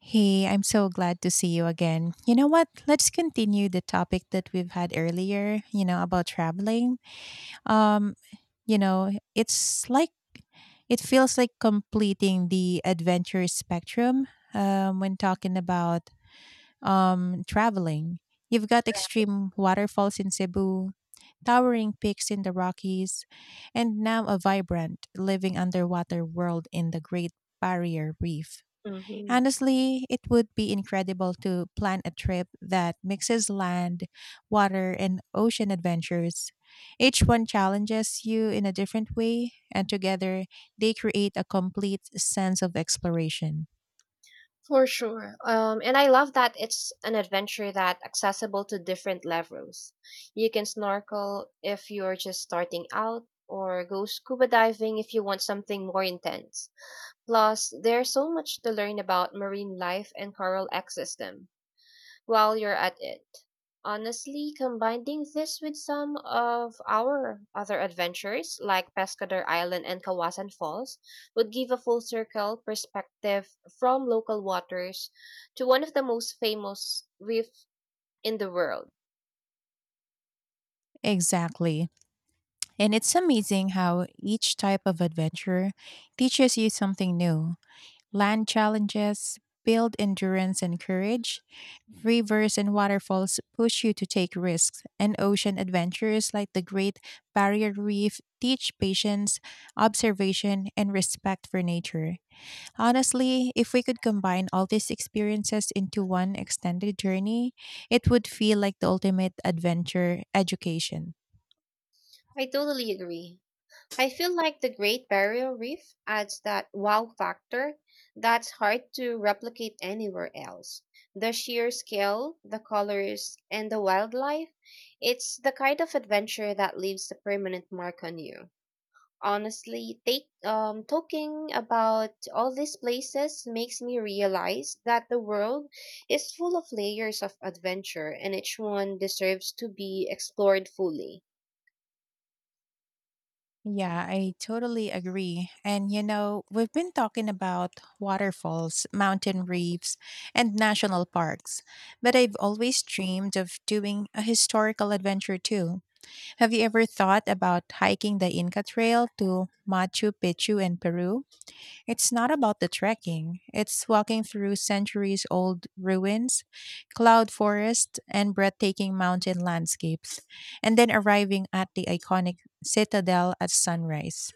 Hey, I'm so glad to see you again. You know what? Let's continue the topic that we've had earlier, about traveling. Um, it's like it feels like completing the adventure spectrum when talking about traveling. You've got extreme waterfalls in Cebu, towering peaks in the Rockies, and now a vibrant living underwater world in the Great Barrier Reef. Mhm. Honestly, it would be incredible to plan a trip that mixes land, water, and ocean adventures. Each one challenges you in a different way, and together they create a complete sense of exploration. For sure. And I love that it's an adventure that accessible to different levels. You can snorkel if you're just starting out, or go scuba diving if you want something more intense. Plus, there's so much to learn about marine life and coral ecosystem while you're at it. Honestly, combining this with some of our other adventures, like Pescador Island and Kawasan Falls, would give a full circle perspective from local waters to one of the most famous reefs in the world. Exactly. And it's amazing how each type of adventure teaches you something new. Land challenges build endurance and courage. Rivers and waterfalls push you to take risks, and ocean adventures like the Great Barrier Reef teach patience, observation, and respect for nature. Honestly, if we could combine all these experiences into one extended journey, it would feel like the ultimate adventure education. I totally agree. I feel like the Great Barrier Reef adds that wow factor that's hard to replicate anywhere else. The sheer scale, the colors, and the wildlife, it's the kind of adventure that leaves a permanent mark on you. Honestly, talking about all these places makes me realize that the world is full of layers of adventure and each one deserves to be explored fully. Yeah, I totally agree. And we've been talking about waterfalls, mountain reefs, and national parks, but I've always dreamed of doing a historical adventure too. Have you ever thought about hiking the Inca Trail to Machu Picchu in Peru? It's not about the trekking, it's walking through centuries old ruins, cloud forests, and breathtaking mountain landscapes, and then arriving at the iconic citadel at sunrise.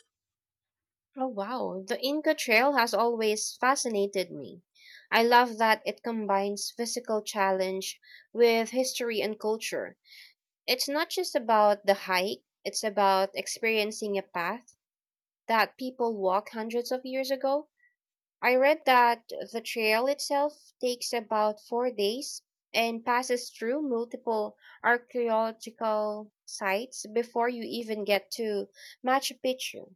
Oh, wow. The Inca Trail has always fascinated me. I love that it combines physical challenge with history and culture. It's not just about the hike, it's about experiencing a path that people walked hundreds of years ago. I read that the trail itself takes about 4 days and passes through multiple archaeological sites before you even get to Machu Picchu.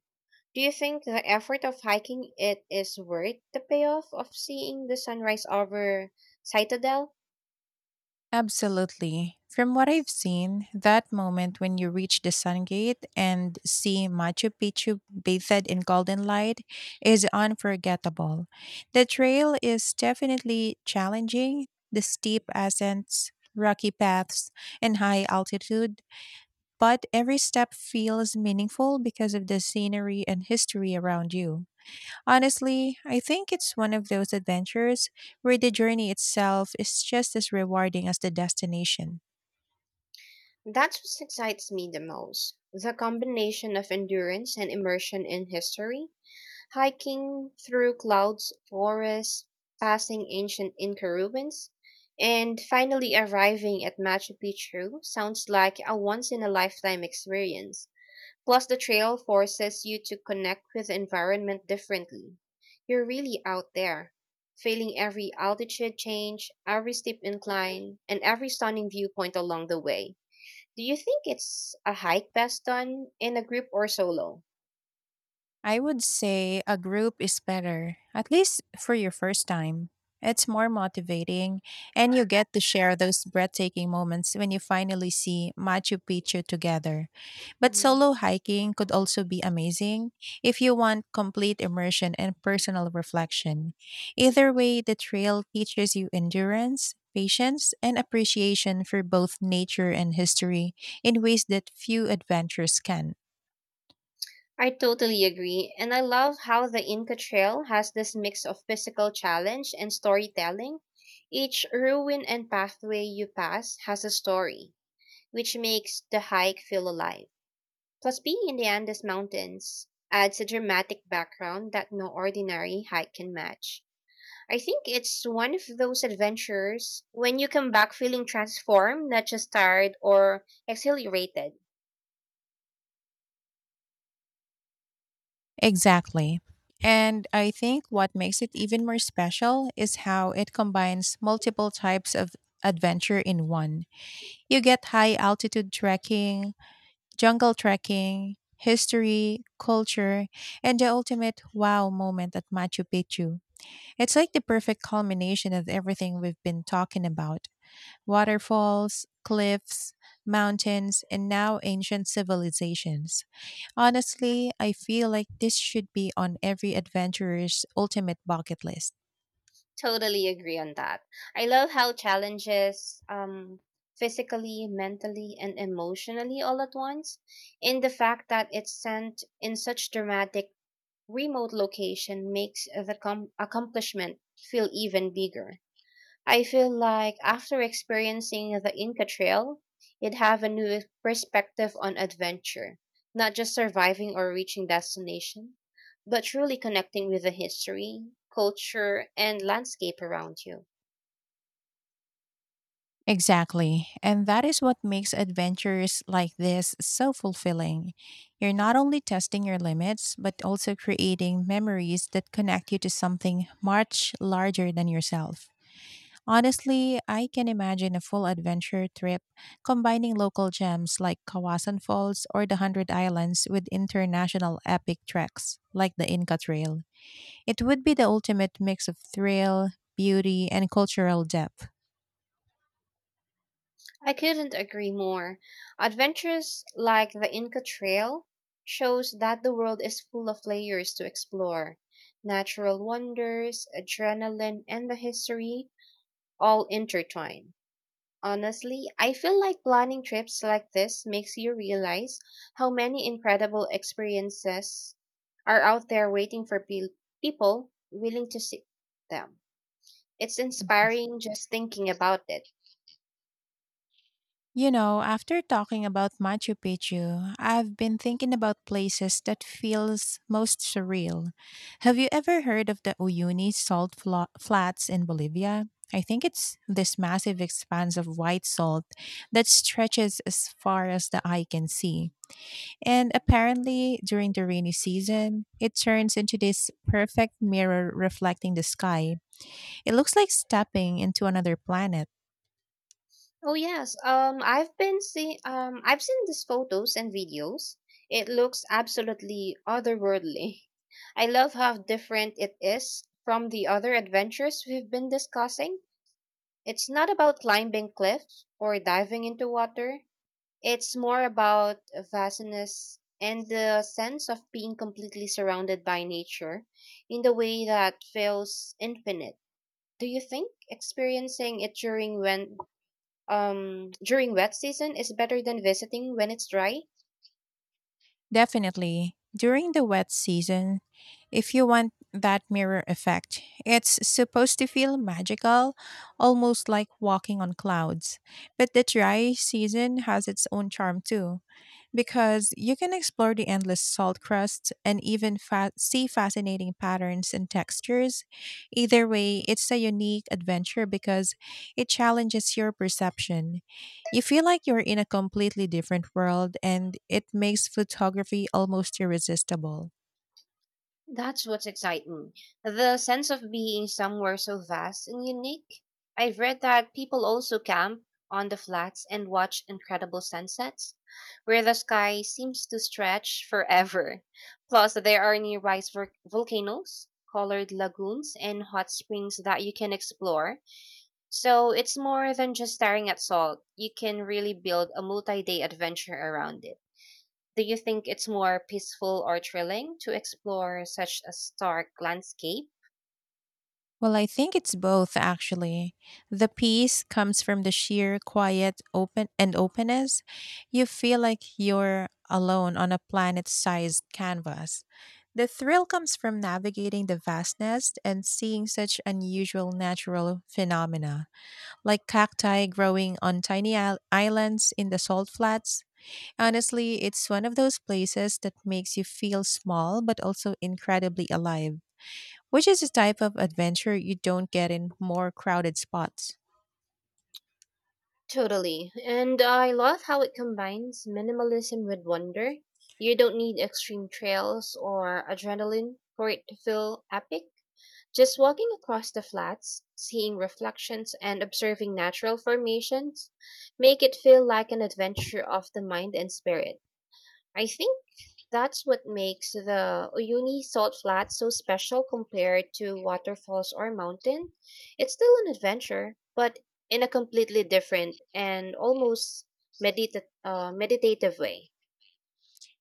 Do you think the effort of hiking it is worth the payoff of seeing the sunrise over Citadel? Absolutely. From what I've seen, that moment when you reach the Sun Gate and see Machu Picchu bathed in golden light is unforgettable. The trail is definitely challenging, the steep ascents, rocky paths, and high altitude, but every step feels meaningful because of the scenery and history around you. Honestly, I think it's one of those adventures where the journey itself is just as rewarding as the destination. That's what excites me the most. The combination of endurance and immersion in history, hiking through clouds, forests, passing ancient Inca ruins, and finally arriving at Machu Picchu sounds like a once in a lifetime experience. Plus, the trail forces you to connect with the environment differently. You're really out there, feeling every altitude change, every steep incline, and every stunning viewpoint along the way. Do you think it's a hike best done in a group or solo? I would say a group is better, at least for your first time. It's more motivating, and you get to share those breathtaking moments when you finally see Machu Picchu together. But Mhm. solo hiking could also be amazing if you want complete immersion and personal reflection. Either way, the trail teaches you endurance, patience, and appreciation for both nature and history in ways that few adventures can. I totally agree, and I love how the Inca Trail has this mix of physical challenge and storytelling. Each ruin and pathway you pass has a story, which makes the hike feel alive. Plus, being in the Andes Mountains adds a dramatic background that no ordinary hike can match. I think it's one of those adventures when you come back feeling transformed, not just tired or exhilarated. Exactly. And I think what makes it even more special is how it combines multiple types of adventure in one. You get high altitude trekking, jungle trekking, history, culture, and the ultimate wow moment at Machu Picchu. It's like the perfect culmination of everything we've been talking about: waterfalls, cliffs, mountains, and now ancient civilizations. Honestly, I feel like this should be on every adventurer's ultimate bucket list. Totally agree on that. I love how physically, mentally, and emotionally all at once, and the fact that it's sent in such dramatic remote location makes the accomplishment feel even bigger. I feel like after experiencing the Inca Trail, you'd have a new perspective on adventure, not just surviving or reaching destination, but truly connecting with the history, culture, and landscape around you. Exactly. And that is what makes adventures like this so fulfilling. You're not only testing your limits, but also creating memories that connect you to something much larger than yourself. Honestly, I can imagine a full adventure trip combining local gems like Kawasan Falls or the Hundred Islands with international epic treks like the Inca Trail. It would be the ultimate mix of thrill, beauty, and cultural depth. I couldn't agree more. Adventures like the Inca Trail shows that the world is full of layers to explore. Natural wonders, adrenaline, and the history all intertwined. Honestly, I feel like planning trips like this makes you realize how many incredible experiences are out there waiting for people willing to seek them. It's Mhm. inspiring just thinking about it. After talking about Machu Picchu, I've been thinking about places that feels most surreal. Have you ever heard of the Uyuni salt flats in Bolivia? I think it's this massive expanse of white salt that stretches as far as the eye can see. And apparently, during the rainy season, it turns into this perfect mirror reflecting the sky. It looks like stepping into another planet. Oh yes, I've seen these photos and videos. It looks absolutely otherworldly. I love how different it is from the other adventures we've been discussing. It's not about climbing cliffs or diving into water. It's more about vastness and the sense of being completely surrounded by nature in the way that feels infinite. Do you think experiencing it during wet season is better than visiting when it's dry? Definitely. During the wet season, if you want that mirror effect, it's supposed to feel magical, almost like walking on clouds. But the dry season has its own charm too, because you can explore the endless salt crusts and even see fascinating patterns and textures. Either way, it's a unique adventure because it challenges your perception. You feel like you're in a completely different world, and it makes photography almost irresistible. That's what's exciting. The sense of being somewhere so vast and unique. I've read that people also camp on the flats and watch incredible sunsets, where the sky seems to stretch forever. Plus, there are nearby volcanoes, colored lagoons, and hot springs that you can explore. So it's more than just staring at salt. You can really build a multi day adventure around it. Do you think it's more peaceful or thrilling to explore such a stark landscape? Well, I think it's both actually. The peace comes from the sheer quiet, open and openness. You feel like you're alone on a planet-sized canvas. The thrill comes from navigating the vastness and seeing such unusual natural phenomena, like cacti growing on tiny islands in the salt flats. Honestly, it's one of those places that makes you feel small but also incredibly alive, which is a type of adventure you don't get in more crowded spots. Totally. And I love how it combines minimalism with wonder. You don't need extreme trails or adrenaline for it to feel epic. Just walking across the flats, seeing reflections, and observing natural formations make it feel like an adventure of the mind and spirit. I think That's what makes the Uyuni Salt Flat so special compared to waterfalls or mountain. It's still an adventure, but in a completely different and almost meditative way.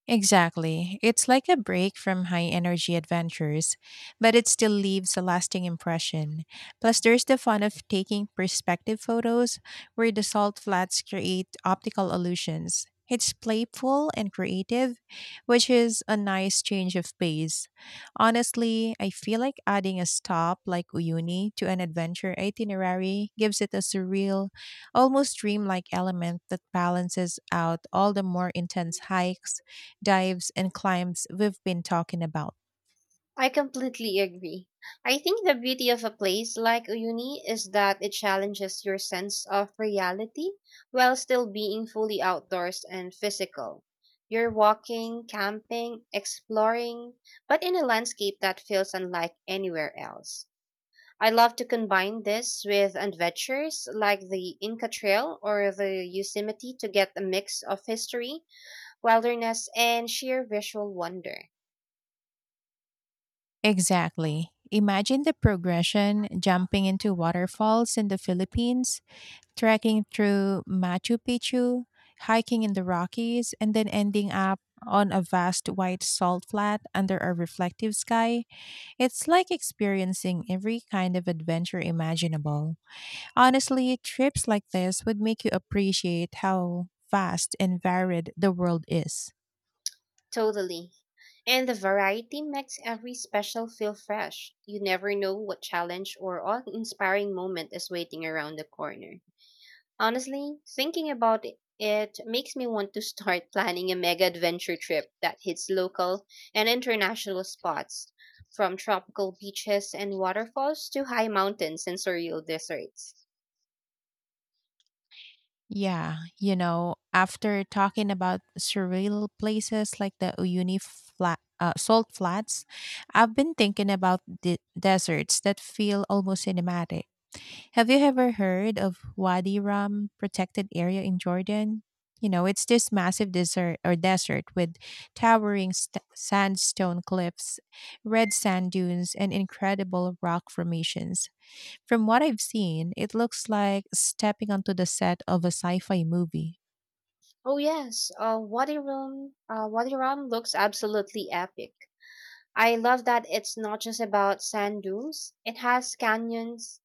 Exactly. It's like a break from high energy adventures, but it still leaves a lasting impression. Plus, there's the fun of taking perspective photos where the salt flats create optical illusions. It's playful and creative, which is a nice change of pace. Honestly, I feel like adding a stop like Uyuni to an adventure itinerary gives it a surreal, almost dreamlike element that balances out all the more intense hikes, dives, and climbs we've been talking about. I completely agree. I think the beauty of a place like uni is that it challenges your sense of reality while still being fully outdoors and physical. You're walking, camping, exploring, but in a landscape that feels unlike anywhere else. I love to combine this with adventures like the Inca Trail or the Yosemite to get a mix of history, wilderness, and sheer visual wonder. Exactly. Imagine the progression: jumping into waterfalls in the Philippines, trekking through Machu Picchu, hiking in the Rockies, and then ending up on a vast white salt flat under a reflective sky. It's like experiencing every kind of adventure imaginable. Honestly, trips like this would make you appreciate how vast and varied the world is. Totally. And the variety makes every special feel fresh. You never know what challenge or awe inspiring moment is waiting around the corner. Honestly, thinking about it, it makes me want to start planning a mega adventure trip that hits local and international spots, from tropical beaches and waterfalls to high mountains and surreal deserts. Yeah, after talking about surreal places like the Uyuni salt flats, I've been thinking about the deserts that feel almost cinematic. Have you ever heard of Wadi Rum protected area in Jordan? It's this massive desert or desert with towering sandstone cliffs, red sand dunes, and incredible rock formations. From what I've seen, it looks like stepping onto the set of a sci-fi movie. Oh yes, Wadi Rum looks absolutely epic. I love that it's not just about sand dunes. It has canyons,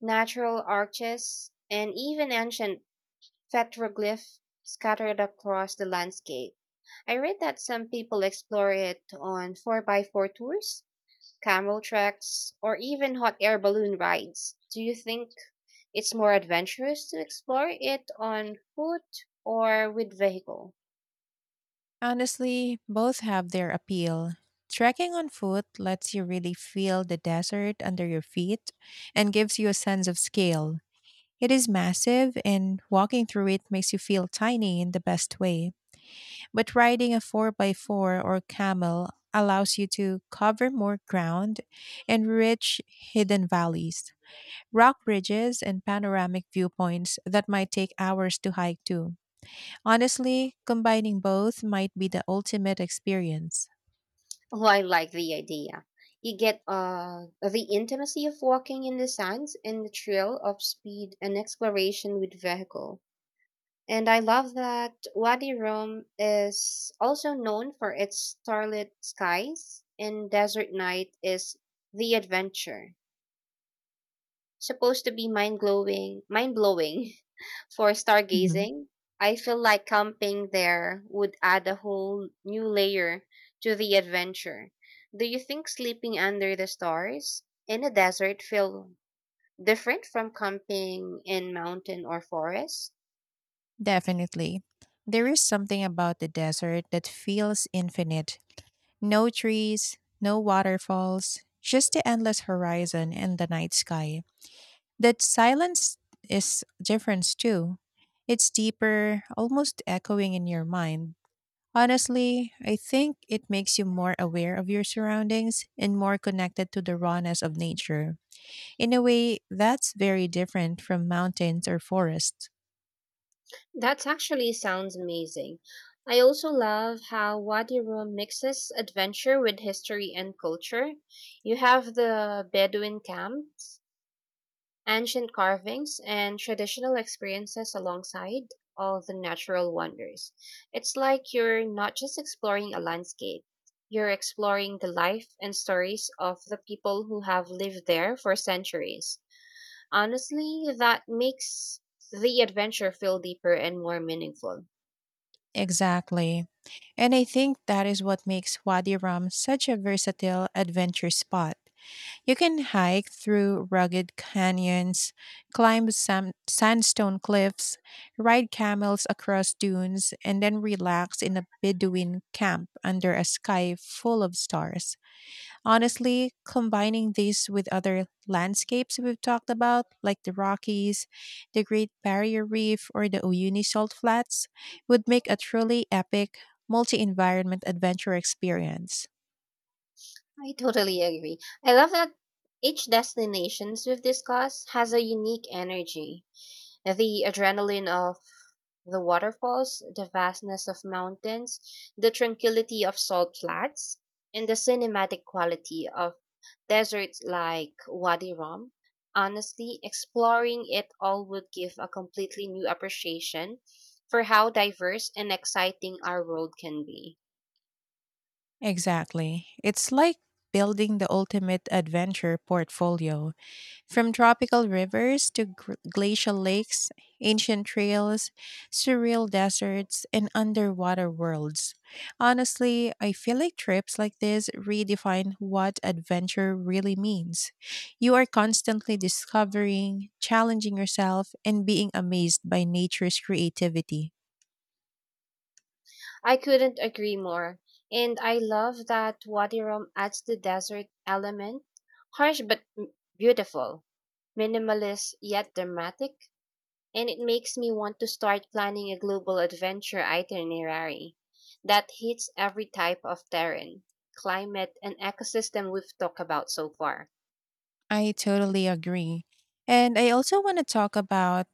natural arches, and even ancient petroglyphs scattered across the landscape. I read that some people explore it on 4 by 4 tours, camel treks, or even hot air balloon rides. Do you think it's more adventurous to explore it on foot or with vehicle? Honestly, both have their appeal. Trekking on foot lets you really feel the desert under your feet and gives you a sense of scale. It is massive, and walking through it makes you feel tiny in the best way. But riding a 4x4 or camel allows you to cover more ground and reach hidden valleys, rock bridges, and panoramic viewpoints that might take hours to hike to. Honestly, combining both might be the ultimate experience. Oh, I like the idea. You get the intimacy of walking in the sands and the thrill of speed and exploration with vehicle. And I love that Wadi Rum is also known for its starlit skies and desert night is the adventure supposed to be mind-blowing for Mhm. stargazing. I feel like camping there would add a whole new layer to the adventure. Do you think sleeping under the stars in a desert feel different from camping in mountain or forest? Definitely. There is something about the desert that feels infinite. No trees, no waterfalls, just the endless horizon and the night sky. That silence is difference too. It's deeper, almost echoing in your mind. Honestly, I think it makes you more aware of your surroundings and more connected to the rawness of nature, in a way that's very different from mountains or forests. That actually sounds amazing. I also love how Wadi Rum mixes adventure with history and culture. You have the Bedouin camps, ancient carvings, and traditional experiences alongside all the natural wonders. It's like you're not just exploring a landscape, you're exploring the life and stories of the people who have lived there for centuries. Honestly, that makes the adventure feel deeper and more meaningful. Exactly. And I think that is what makes Wadi Rum such a versatile adventure spot. You can hike through rugged canyons, climb sandstone cliffs, ride camels across dunes, and then relax in a Bedouin camp under a sky full of stars. Honestly, combining these with other landscapes we've talked about, like the Rockies, the Great Barrier Reef, or the Uyuni Salt Flats, would make a truly epic multi environment adventure experience. I totally agree. I love that each destinations we've discussed has a unique energy. The adrenaline of the waterfalls, the vastness of mountains, the tranquility of salt flats, and the cinematic quality of deserts like Wadi Rum. Honestly, exploring it all would give a completely new appreciation for how diverse and exciting our world can be. Exactly. It's like building the ultimate adventure portfolio, from tropical rivers to glacial lakes, ancient trails, surreal deserts, and underwater worlds. Honestly, I feel like trips like this redefine what adventure really means. You are constantly discovering, challenging yourself, and being amazed by nature's creativity. I couldn't agree more, and I love that Wadi Rum adds the desert element, harsh but beautiful, minimalist yet dramatic, and it makes me want to start planning a global adventure itinerary that hits every type of terrain, climate, and ecosystem we've talked about so far. I totally agree. And I also want to talk about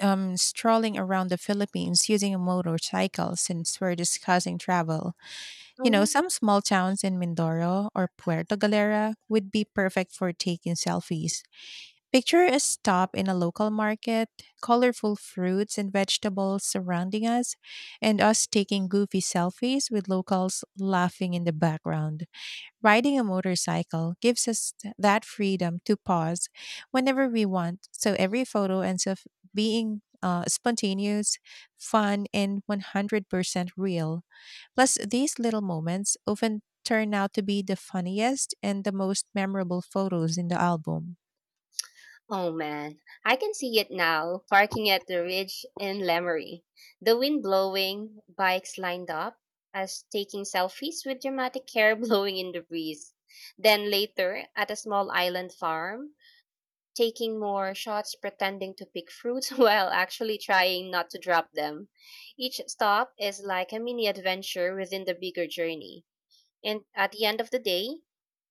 strolling around the Philippines using a motorcycle since we're discussing travel. Oh You know, yeah. some small towns in Mindoro or Puerto Galera would be perfect for taking selfies. Picture a stop in a local market, colorful fruits and vegetables surrounding us, and us taking goofy selfies with locals laughing in the background. Riding a motorcycle gives us that freedom to pause whenever we want, so every photo ends up being spontaneous, fun, and 100% real. Plus, these little moments often turn out to be the funniest and the most memorable photos in the album. Oh man, I can see it now. Parking at the ridge in Lemery, the wind blowing, bikes lined up, us taking selfies with dramatic hair blowing in the breeze. Then later, at a small island farm, taking more shots, pretending to pick fruits while actually trying not to drop them. Each stop is like a mini adventure within the bigger journey. And at the end of the day,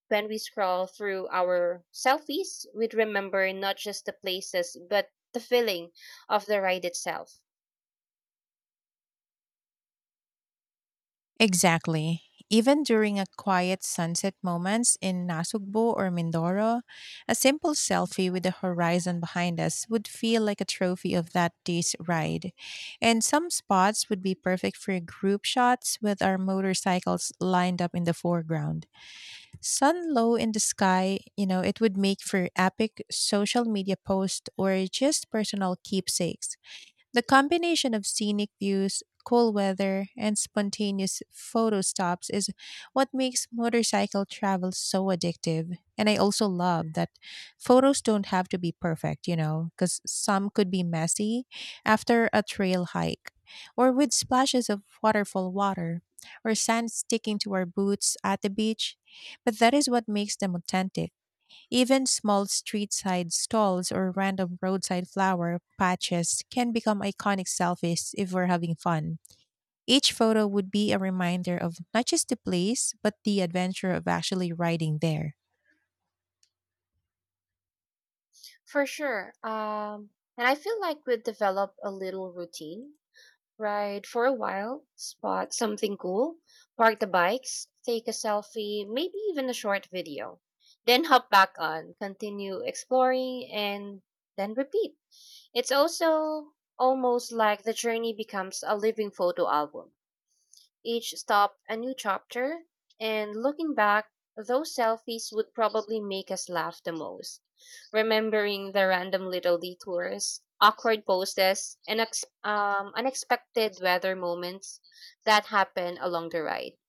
when we scroll through our selfies, we'd remember not just the places, but the feeling of the ride itself. Exactly. Even during a quiet sunset moments in Nasugbo or Mindoro, a simple selfie with the horizon behind us would feel like a trophy of that day's ride. And some spots would be perfect for group shots with our motorcycles lined up in the foreground. Sun low in the sky, it would make for epic social media posts or just personal keepsakes. The combination of scenic views, cool weather, and spontaneous photo stops is what makes motorcycle travel so addictive. And I also love that photos don't have to be perfect, because some could be messy after a trail hike, or with splashes of waterfall water, or sand sticking to our boots at the beach. But that is what makes them authentic. Even small street side stalls or random roadside flower patches can become iconic selfies if we're having fun. Each photo would be a reminder of not just the place, but the adventure of actually riding there. For sure. And I feel like we've developed a little routine. Ride for a while, spot something cool, park the bikes, take a selfie, maybe even a short video. Then hop back on, continue exploring, and then repeat. It's also almost like the journey becomes a living photo album. Each stopped a new chapter, and looking back, those selfies would probably make us laugh the most. Remembering the random little detours, awkward poses, and unexpected weather moments that happen along the ride.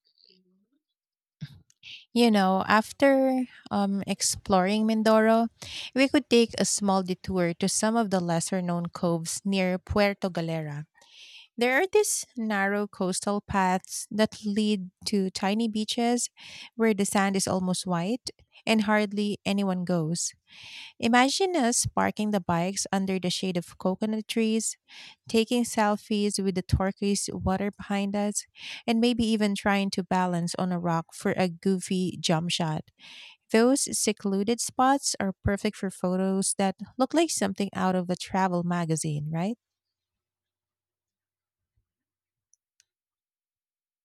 After exploring Mindoro, we could take a small detour to some of the lesser known coves near Puerto Galera. There are these narrow coastal paths that lead to tiny beaches where the sand is almost white and hardly anyone goes. Imagine us parking the bikes under the shade of coconut trees, taking selfies with the turquoise water behind us, and maybe even trying to balance on a rock for a goofy jump shot. Those secluded spots are perfect for photos that look like something out of a travel magazine, right?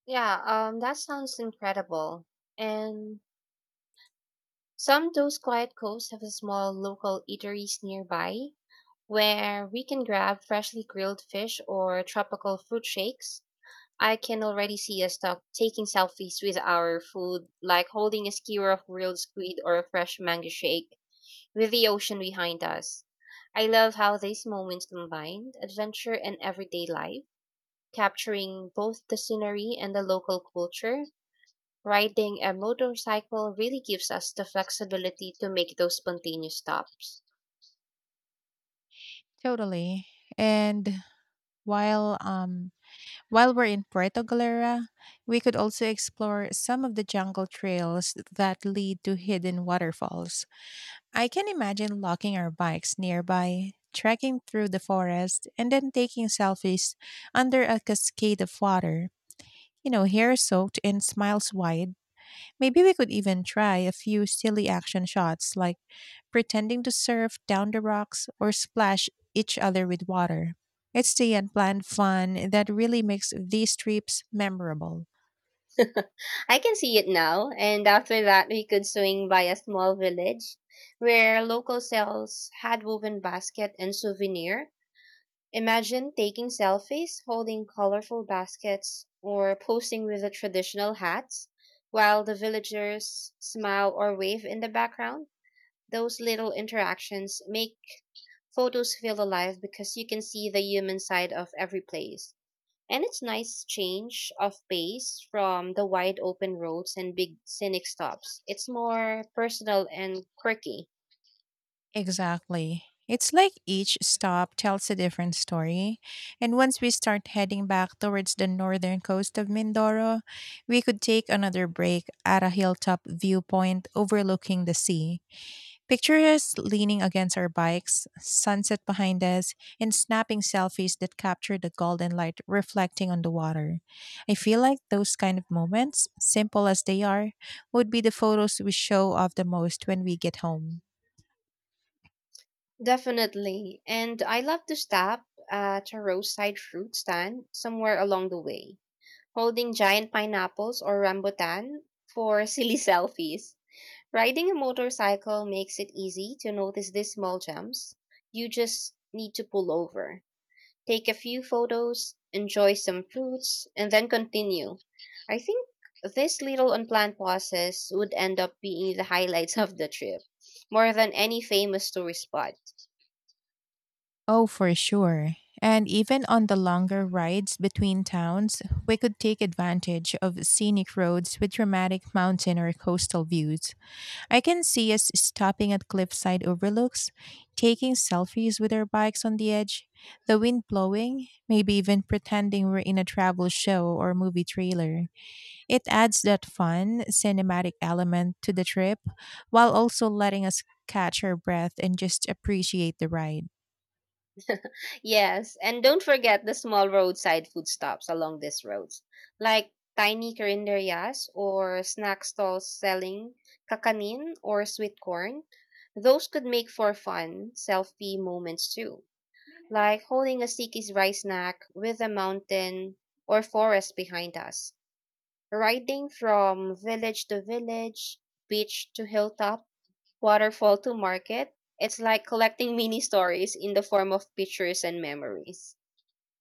Yeah, that sounds incredible. And some of those quiet coves have small local eateries nearby where we can grab freshly grilled fish or tropical fruit shakes. I can already see us taking selfies with our food, like holding a skewer of grilled squid or a fresh mango shake with the ocean behind us. I love how these moments combine adventure and everyday life, capturing both the scenery and the local culture. Riding a motorcycle really gives us the flexibility to make those spontaneous stops. Totally. And while um while we're in Puerto Galera, we could also explore some of the jungle trails that lead to hidden waterfalls. I can imagine locking our bikes nearby, trekking through the forest, and then taking selfies under a cascade of water, you know, hair soaked and smiles wide. Maybe we could even try a few silly action shots like pretending to surf down the rocks or splash each other with water. It's the unplanned fun that really makes these trips memorable. I can see it now, and after that, we could swing by a small village where local sells had woven basket and souvenir. Imagine taking selfies, holding colorful baskets, or posing with the traditional hats while the villagers smile or wave in the background. Those little interactions make photos feel alive because you can see the human side of every place. And it's nice change of pace from the wide open roads and big scenic stops. It's more personal and quirky. Exactly. It's like each stop tells a different story. And once we start heading back towards the northern coast of Mindoro, we could take another break at a hilltop viewpoint overlooking the sea. Picture us leaning against our bikes, sunset behind us, and snapping selfies that capture the golden light reflecting on the water. I feel like those kind of moments, simple as they are, would be the photos we show off the most when we get home. Definitely. And I love to stop at a roadside fruit stand somewhere along the way, holding giant pineapples or rambutan for silly selfies. Riding a motorcycle makes it easy to notice these small gems. You just need to pull over. Take a few photos, enjoy some fruits, and then continue. I think this little unplanned process would end up being the highlights of the trip, more than any famous tourist spot. Oh, for sure. And even on the longer rides between towns, we could take advantage of scenic roads with dramatic mountain or coastal views. I can see us stopping at cliffside overlooks, taking selfies with our bikes on the edge, the wind blowing, maybe even pretending we're in a travel show or movie trailer. It adds that fun, cinematic element to the trip while also letting us catch our breath and just appreciate the ride. Yes, and don't forget the small roadside food stops along these roads, like tiny carinderias or snack stalls selling kakanin or sweet corn. Those could make for fun selfie moments too, like holding a sticky rice snack with a mountain or forest behind us. Riding from village to village, beach to hilltop, waterfall to market, it's like collecting mini stories in the form of pictures and memories.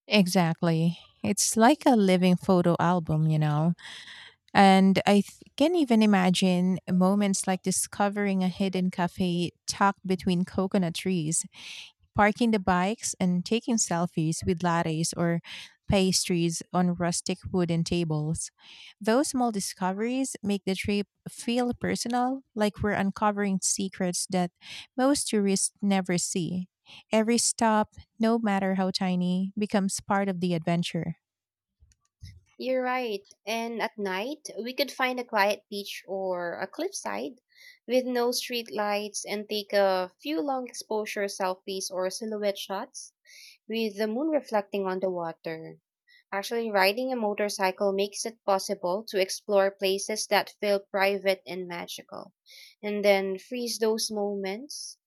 Exactly. It's like a living photo album, you know. And I can even imagine moments like discovering a hidden cafe tucked between coconut trees parking the bikes and taking selfies with lattes or pastries on rustic wooden tables. Those small discoveries make the trip feel personal, like we're uncovering secrets that most tourists never see. Every stop, no matter how tiny, becomes part of the adventure. You're right. And at night, we could find a quiet beach or a cliffside with no street lights and take a few long exposure selfies or silhouette shots with the moon reflecting on the water. Actually, riding a motorcycle makes it possible to explore places that feel private and magical, and then freeze those moments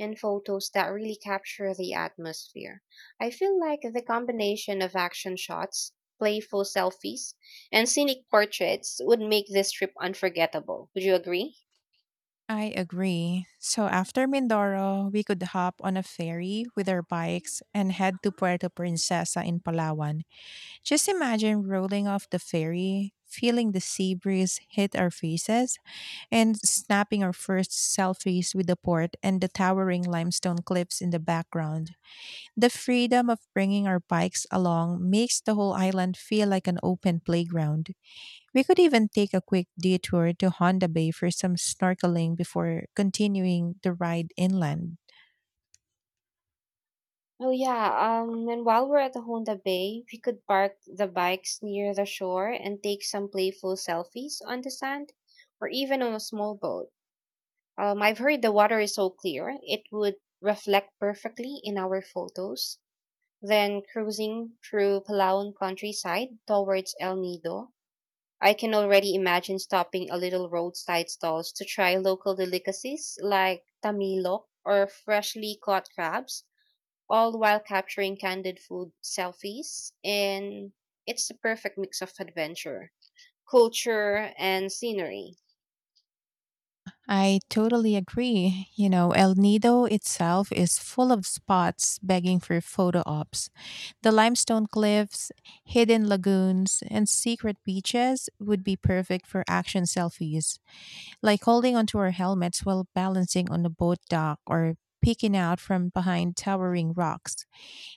and photos that really capture the atmosphere. I feel like the combination of action shots, playful selfies, and scenic portraits would make this trip unforgettable. Would you agree? I agree. So after Mindoro, we could hop on a ferry with our bikes and head to Puerto Princesa in Palawan. Just imagine rolling off the ferry, feeling the sea breeze hit our faces, and snapping our first selfies with the port and the towering limestone cliffs in the background. The freedom of bringing our bikes along makes the whole island feel like an open playground. We could even take a quick detour to Honda Bay for some snorkeling before continuing the ride inland. Oh yeah, and while we're at the Honda Bay, we could park the bikes near the shore and take some playful selfies on the sand or even on a small boat. I've heard the water is so clear, it would reflect perfectly in our photos. Then cruising through Palawan countryside towards El Nido, I can already imagine stopping a little roadside stalls to try local delicacies like tamilok or freshly caught crabs, all while capturing candid food selfies. And it's the perfect mix of adventure, culture, and scenery. I totally agree. You know, El Nido itself is full of spots begging for photo ops. The limestone cliffs, hidden lagoons, and secret beaches would be perfect for action selfies, like holding onto our helmets while balancing on a boat dock or peeking out from behind towering rocks.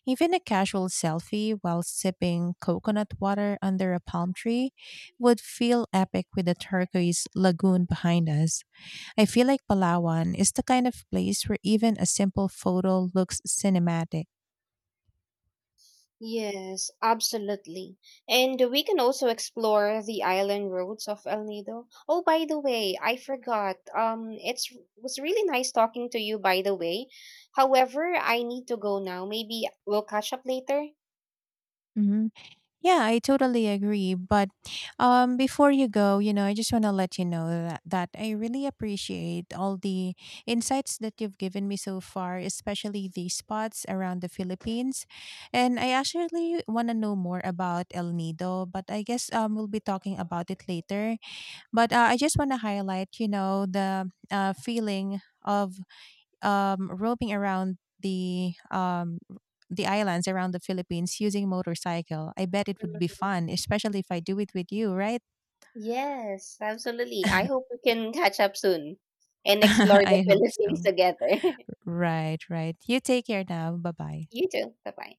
Even a casual selfie while sipping coconut water under a palm tree would feel epic with the turquoise lagoon behind us. I feel like Palawan is the kind of place where even a simple photo looks cinematic. Yes, absolutely. And we can also explore the island roads of El Nido. Oh, by the way, I forgot. It's was really nice talking to you, by the way. However, I need to go now. Maybe we'll catch up later. Mhm. Yeah, I totally agree. But before you go, you know, I just want to let you know that I really appreciate all the insights that you've given me so far, especially the spots around the Philippines. And I actually want to know more about El Nido, but I guess we'll be talking about it later. But I just want to highlight, you know, the feeling of roving around the islands around the Philippines using motorcycle. I bet it would be Mhm. fun, especially if I do it with you, right? Yes, absolutely. I hope we can catch up soon and explore the I hope Philippines so. together. Right, right. You take care now. Bye bye. You too. Bye bye.